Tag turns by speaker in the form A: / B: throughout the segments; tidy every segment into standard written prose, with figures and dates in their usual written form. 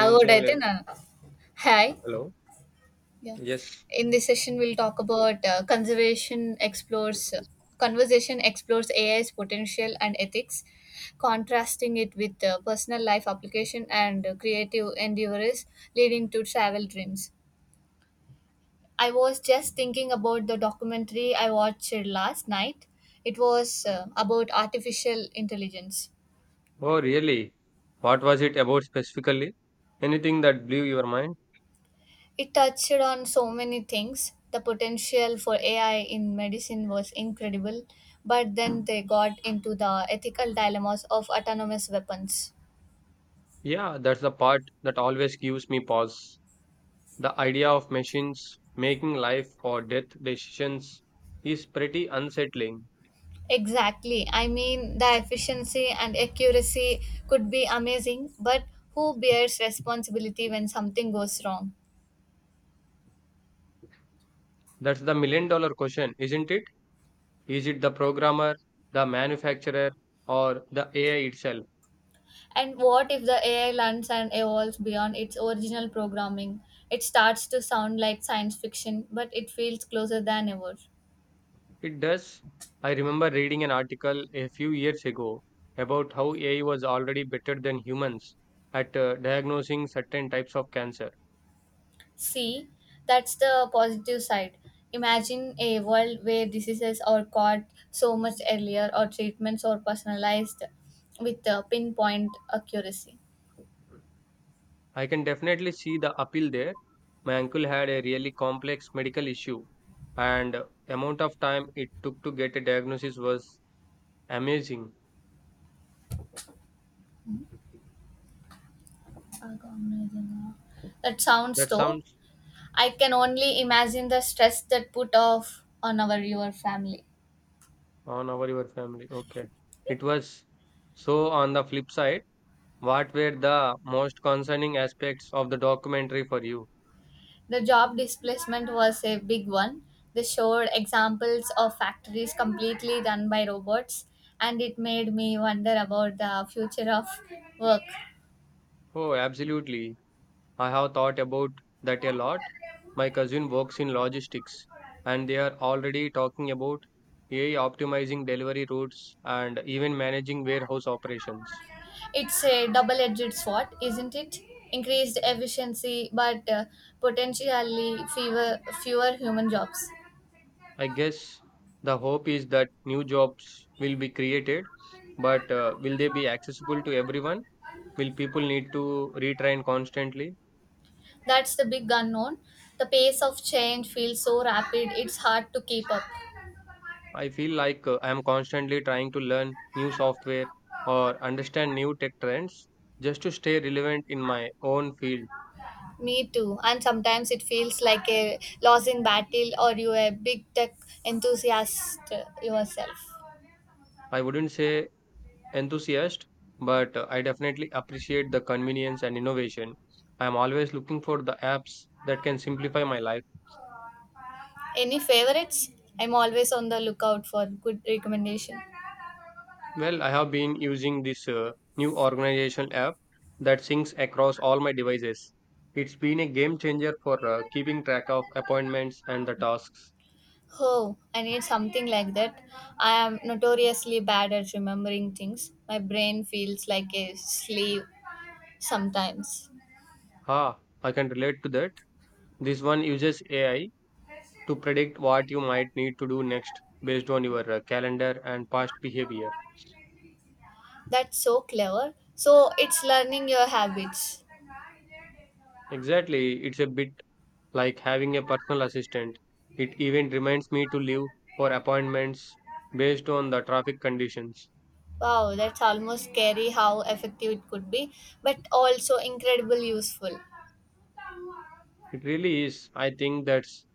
A: I would, I Hi.
B: Hello.
A: Yeah.
B: Yes.
A: In this session, we'll talk about conversation explores AI's potential and ethics, contrasting it with personal life application and creative endeavors leading to travel dreams. I was just thinking about the documentary I watched last night. It was about artificial intelligence.
B: Oh, really? What was it about specifically? Anything that blew your mind?
A: It touched on so many things. The potential for AI in medicine was incredible, but then they got into the ethical dilemmas of autonomous weapons.
B: Yeah, that's the part that always gives me pause. The idea of machines making life or death decisions is pretty unsettling.
A: Exactly. I mean, the efficiency and accuracy could be amazing, but who bears responsibility when something goes wrong?
B: That's the $1,000,000 question, isn't it? Is it the programmer, the manufacturer, or the AI itself?
A: And what if the AI learns and evolves beyond its original programming? It starts to sound like science fiction, but it feels closer than ever.
B: It does. I remember reading an article a few years ago about how AI was already better than humans at diagnosing certain types of cancer.
A: See, that's the positive side. Imagine a world where diseases are caught so much earlier or treatments are personalized with pinpoint accuracy.
B: I can definitely see the appeal there. My uncle had a really complex medical issue, and the amount of time it took to get a diagnosis was amazing.
A: Algorithm. That sounds
B: That
A: though.
B: sounds
A: I can only imagine the stress that put off on our your family.
B: on our your family. Okay. It was so on the flip side, what were the most concerning aspects of the documentary for you?
A: The job displacement was a big one. They showed examples of factories completely run by robots, and it made me wonder about the future of work.
B: Oh, absolutely. I have thought about that a lot. My cousin works in logistics, and they are already talking about AI optimizing delivery routes and even managing warehouse operations.
A: It's a double edged sword, isn't it? Increased efficiency, but potentially fewer human jobs.
B: I guess the hope is that new jobs will be created, but will they be accessible to everyone? Will people need to retrain constantly?
A: That's the big unknown. The pace of change feels so rapid, it's hard to keep up.
B: I feel like I am constantly trying to learn new software or understand new tech trends just to stay relevant in my own field.
A: Me too. And sometimes it feels like a losing battle or you a big tech enthusiast yourself.
B: I wouldn't say enthusiast, but I definitely appreciate the convenience and innovation. I am always looking for the apps that can simplify my life.
A: Any favorites? I'm always on the lookout for good recommendation.
B: Well, I have been using this new organizational app that syncs across all my devices. It's been a game changer for keeping track of appointments and the tasks.
A: Oh, I need something like that. I am notoriously bad at remembering things. My brain feels like a slave sometimes.
B: Ah, I can relate to that. This one uses AI to predict what you might need to do next based on your calendar and past behavior.
A: That's so clever. So it's learning your habits.
B: Exactly, it's a bit like having a personal assistant. It even reminds me to leave for appointments based on the traffic conditions.
A: Wow, that's almost scary how effective it could be, but also incredibly useful.
B: It really is. I think that's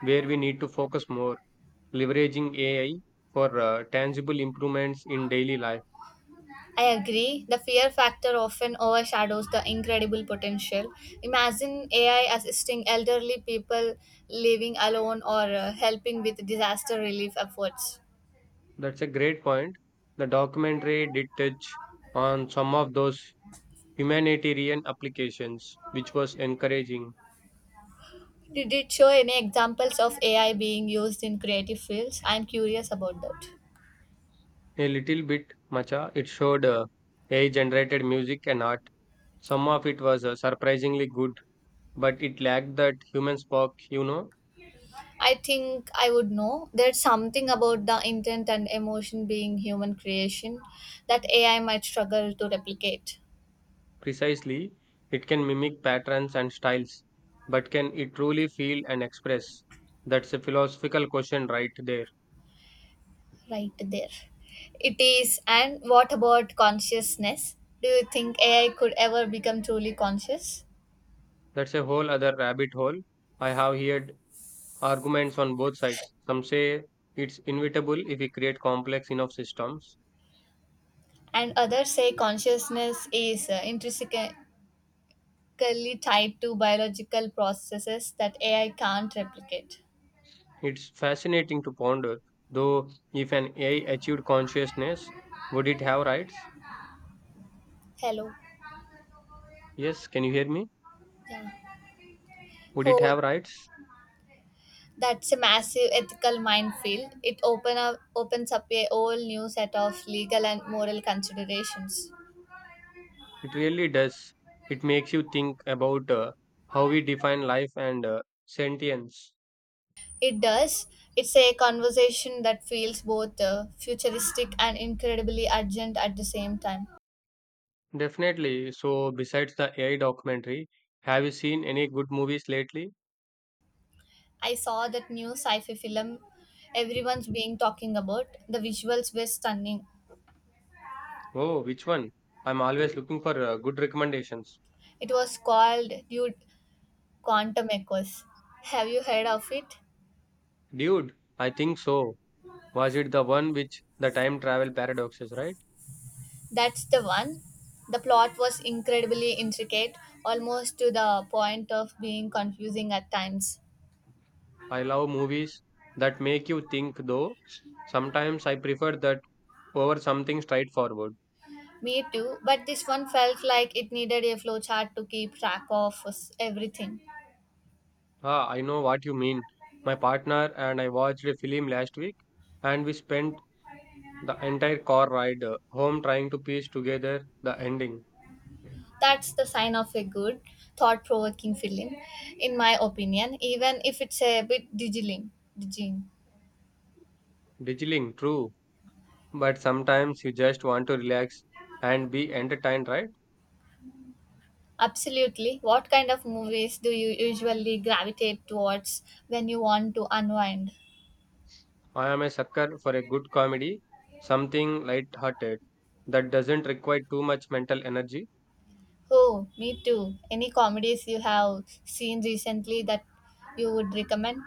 B: where we need to focus more, leveraging AI for tangible improvements in daily life.
A: I agree. The fear factor often overshadows the incredible potential. Imagine AI assisting elderly people living alone or helping with disaster relief efforts.
B: That's a great point. The documentary did touch on some of those humanitarian applications, which was encouraging.
A: Did it show any examples of AI being used in creative fields? I'm curious about that.
B: A little bit, Macha, it showed AI generated music and art Some of it was surprisingly good but it lacked that human spark,
A: I think I would know. There's something about the intent and emotion being human creation that AI might struggle to replicate.
B: precisely. It can mimic patterns and styles, but can it truly feel and express? That's a philosophical question right there.
A: Right there. It is. And what about consciousness? Do you think AI could ever become truly conscious?
B: That's a whole other rabbit hole. I have heard arguments on both sides. Some say it's inevitable if we create complex enough systems.
A: And others say consciousness is intrinsically tied to biological processes that AI can't replicate.
B: It's fascinating to ponder, though, if an AI achieved consciousness, would it have rights?
A: Hello.
B: Yes, can you hear me?
A: Yeah.
B: Would it
A: Oh,
B: have rights?
A: that's a massive ethical minefield. It opens up a whole new set of legal and moral considerations.
B: It really does. It makes you think about how we define life and sentience.
A: It does. It's a conversation that feels both futuristic and incredibly urgent at the same time.
B: Definitely. So, besides the AI documentary, have you seen any good movies lately?
A: I saw that new sci-fi film everyone's being talking about. The visuals were stunning.
B: Oh, which one? I'm always looking for good recommendations.
A: It was called Dude Quantum Echoes. Have you heard of it?
B: Dude, I think so. Was it the one which the time travel paradoxes, right?
A: That's the one. The plot was incredibly intricate, almost to the point of being confusing at times.
B: I love movies that make you think, though. Sometimes I prefer that over something straightforward.
A: Me too, but this one felt like it needed a flowchart to keep track of everything.
B: Ah, I know what you mean. My partner and I watched a film last week, and we spent the entire car ride home trying to piece together the ending.
A: That's the sign of a good, thought provoking film, in my opinion, even if it's a bit diggling. Digging.
B: Digiling, true, but sometimes you just want to relax and be entertained, right?
A: Absolutely. What kind of movies do you usually gravitate towards when you want to unwind?
B: I am a sucker for a good comedy, something light-hearted that doesn't require too much mental energy.
A: Oh, me too. Any comedies you have seen recently that you would recommend?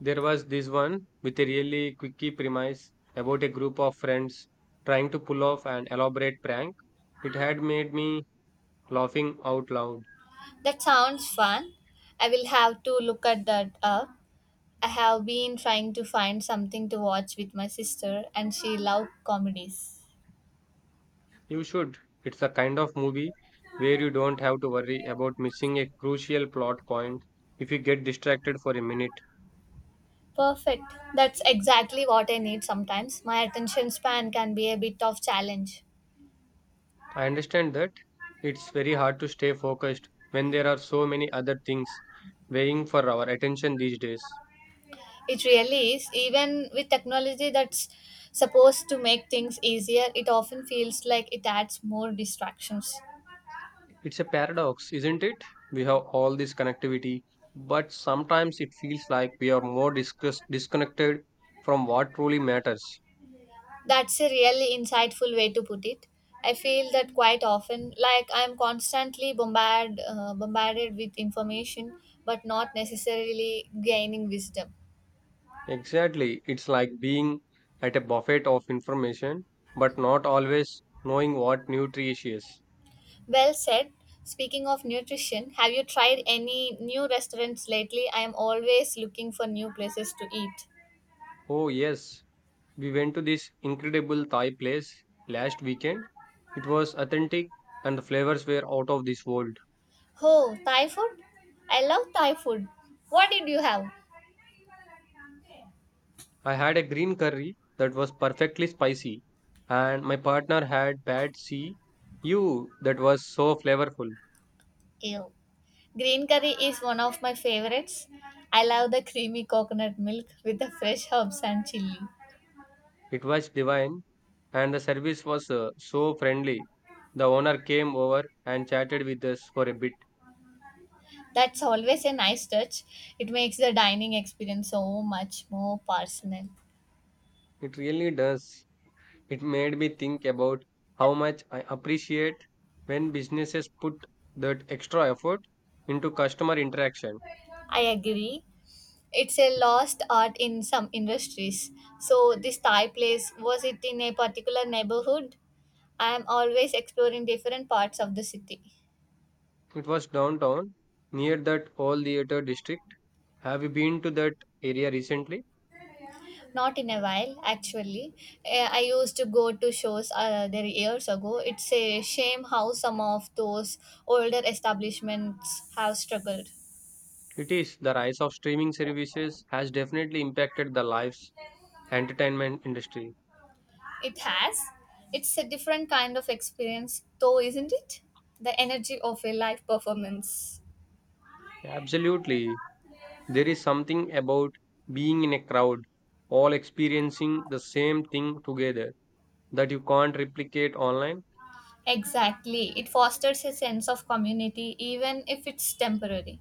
B: There was this one with a really quickie premise about a group of friends trying to pull off an elaborate prank. It had made me laughing out loud.
A: That sounds fun. I will have to look at that up. I have been trying to find something to watch with my sister, and she loves comedies.
B: You should. It's a kind of movie where you don't have to worry about missing a crucial plot point if you get distracted for a minute.
A: Perfect. That's exactly what I need sometimes. My attention span can be a bit of challenge.
B: I understand that it's very hard to stay focused when there are so many other things weighing for our attention these days.
A: It really is. Even with technology that's supposed to make things easier, it often feels like it adds more distractions.
B: It's a paradox, isn't it? We have all this connectivity, but sometimes it feels like we are more disconnected from what truly matters.
A: That's a really insightful way to put it. I feel that quite often, like I'm constantly bombarded with information, but not necessarily gaining wisdom.
B: Exactly. It's like being at a buffet of information, but not always knowing what nutritious.
A: Well said. Speaking of nutrition, have you tried any new restaurants lately? I am always looking for new places to eat.
B: Oh, yes. We went to this incredible Thai place last weekend. It was authentic and the flavors were out of this world.
A: Oh, Thai food? I love Thai food. What did you have?
B: I had a green curry that was perfectly spicy, and my partner had pad see you that was so flavorful.
A: Ew. Green curry is one of my favorites. I love the creamy coconut milk with the fresh herbs and chili.
B: It was divine, and the service was so friendly. The owner came over and chatted with us for a bit.
A: That's always a nice touch. It makes the dining experience so much more personal.
B: It really does. It made me think about how much I appreciate when businesses put that extra effort into customer interaction.
A: I agree. It's a lost art in some industries. So this Thai place was it in a particular neighborhood? I am always exploring different parts of the city.
B: It was downtown near that all theater district. Have you been to that area recently?
A: Not in a while, actually. Eh, I used to go to shows there years ago. It's a shame how some of those older establishments have struggled.
B: It is the rise of streaming services has definitely impacted the lives entertainment industry.
A: It has. It's a different kind of experience, though, isn't it? The energy of a live performance.
B: Absolutely. There is something about being in a crowd all experiencing the same thing together that you can't replicate online.
A: Exactly. It fosters a sense of community, even if it's temporary.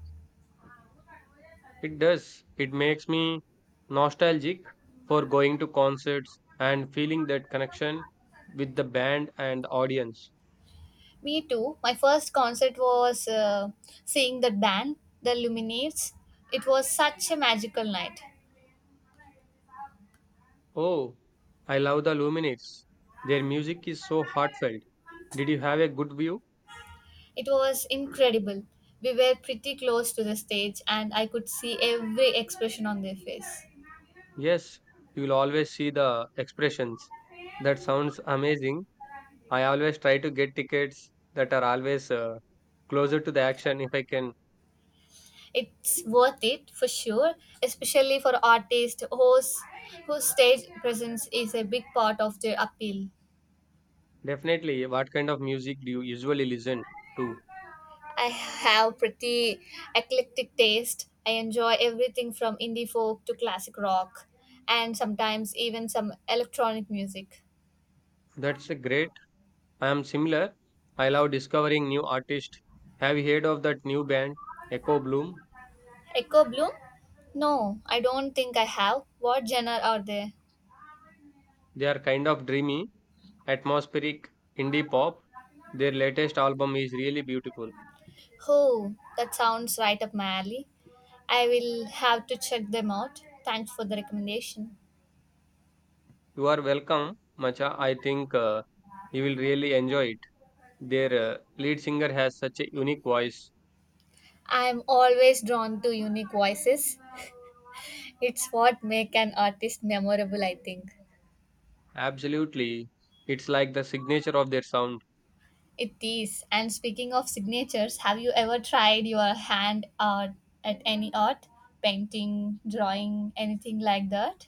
B: It does. It makes me nostalgic for going to concerts and feeling that connection with the band and the audience.
A: Me too. My first concert was seeing that band, the Luminates. It was such a magical night.
B: Oh, I love the Luminates. Their music is so heartfelt. Did you have a good view?
A: It was incredible. We were pretty close to the stage, and I could see every expression on their face.
B: Yes, you will always see the expressions. That sounds amazing. I always try to get tickets that are always closer to the action if I can.
A: It's worth it for sure, especially for artists whose stage presence is a big part of their appeal.
B: Definitely, what kind of music do you usually listen to?
A: I have pretty eclectic taste. I enjoy everything from indie folk to classic rock and sometimes even some electronic music.
B: That's a great I am similar. I love discovering new artists. Have you heard of that new band, Echo Bloom?
A: Echo Bloom? No, I don't think I have. What genre are they?
B: They are kind of dreamy, atmospheric indie pop. Their latest album is really beautiful.
A: Oh, that sounds right up my alley. I will have to check them out. Thanks for the recommendation.
B: You are welcome, Macha. I think you will really enjoy it. Their lead singer has such a unique voice.
A: I'm always drawn to unique voices. It's what make an artist memorable, I think.
B: Absolutely. It's like the signature of their sound.
A: It is. And speaking of signatures, have you ever tried your hand art at any art? Painting, drawing, anything like that?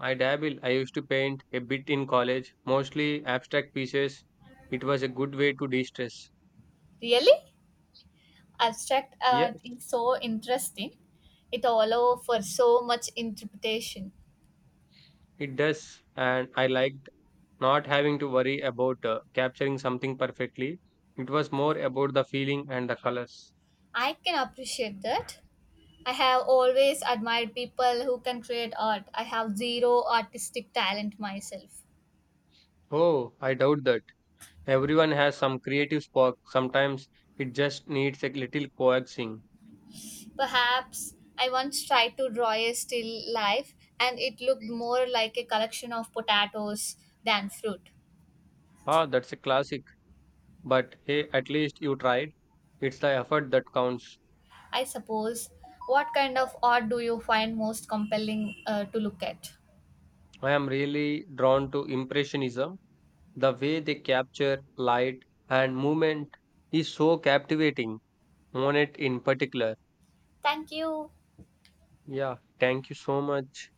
B: I dabble. I used to paint a bit in college, mostly abstract pieces. It was a good way to de stress.
A: Really? Abstract
B: Yeah,
A: art is so interesting. It allows for so much interpretation.
B: it does, and I liked not having to worry about capturing something perfectly. It was more about the feeling and the colors.
A: I can appreciate that. I have always admired people who can create art. I have zero artistic talent myself.
B: Oh, I doubt that. Everyone has some creative spark. Sometimes it just needs a little coaxing.
A: Perhaps I once tried to draw a still life and it looked more like a collection of potatoes than fruit.
B: Ah, that's a classic. But hey, at least you tried. It's the effort that counts.
A: I suppose. What kind of art do you find most compelling to look at?
B: I am really drawn to Impressionism. The way they capture light and movement is so captivating. Monet in particular.
A: Thank you.
B: Yeah, thank you so much.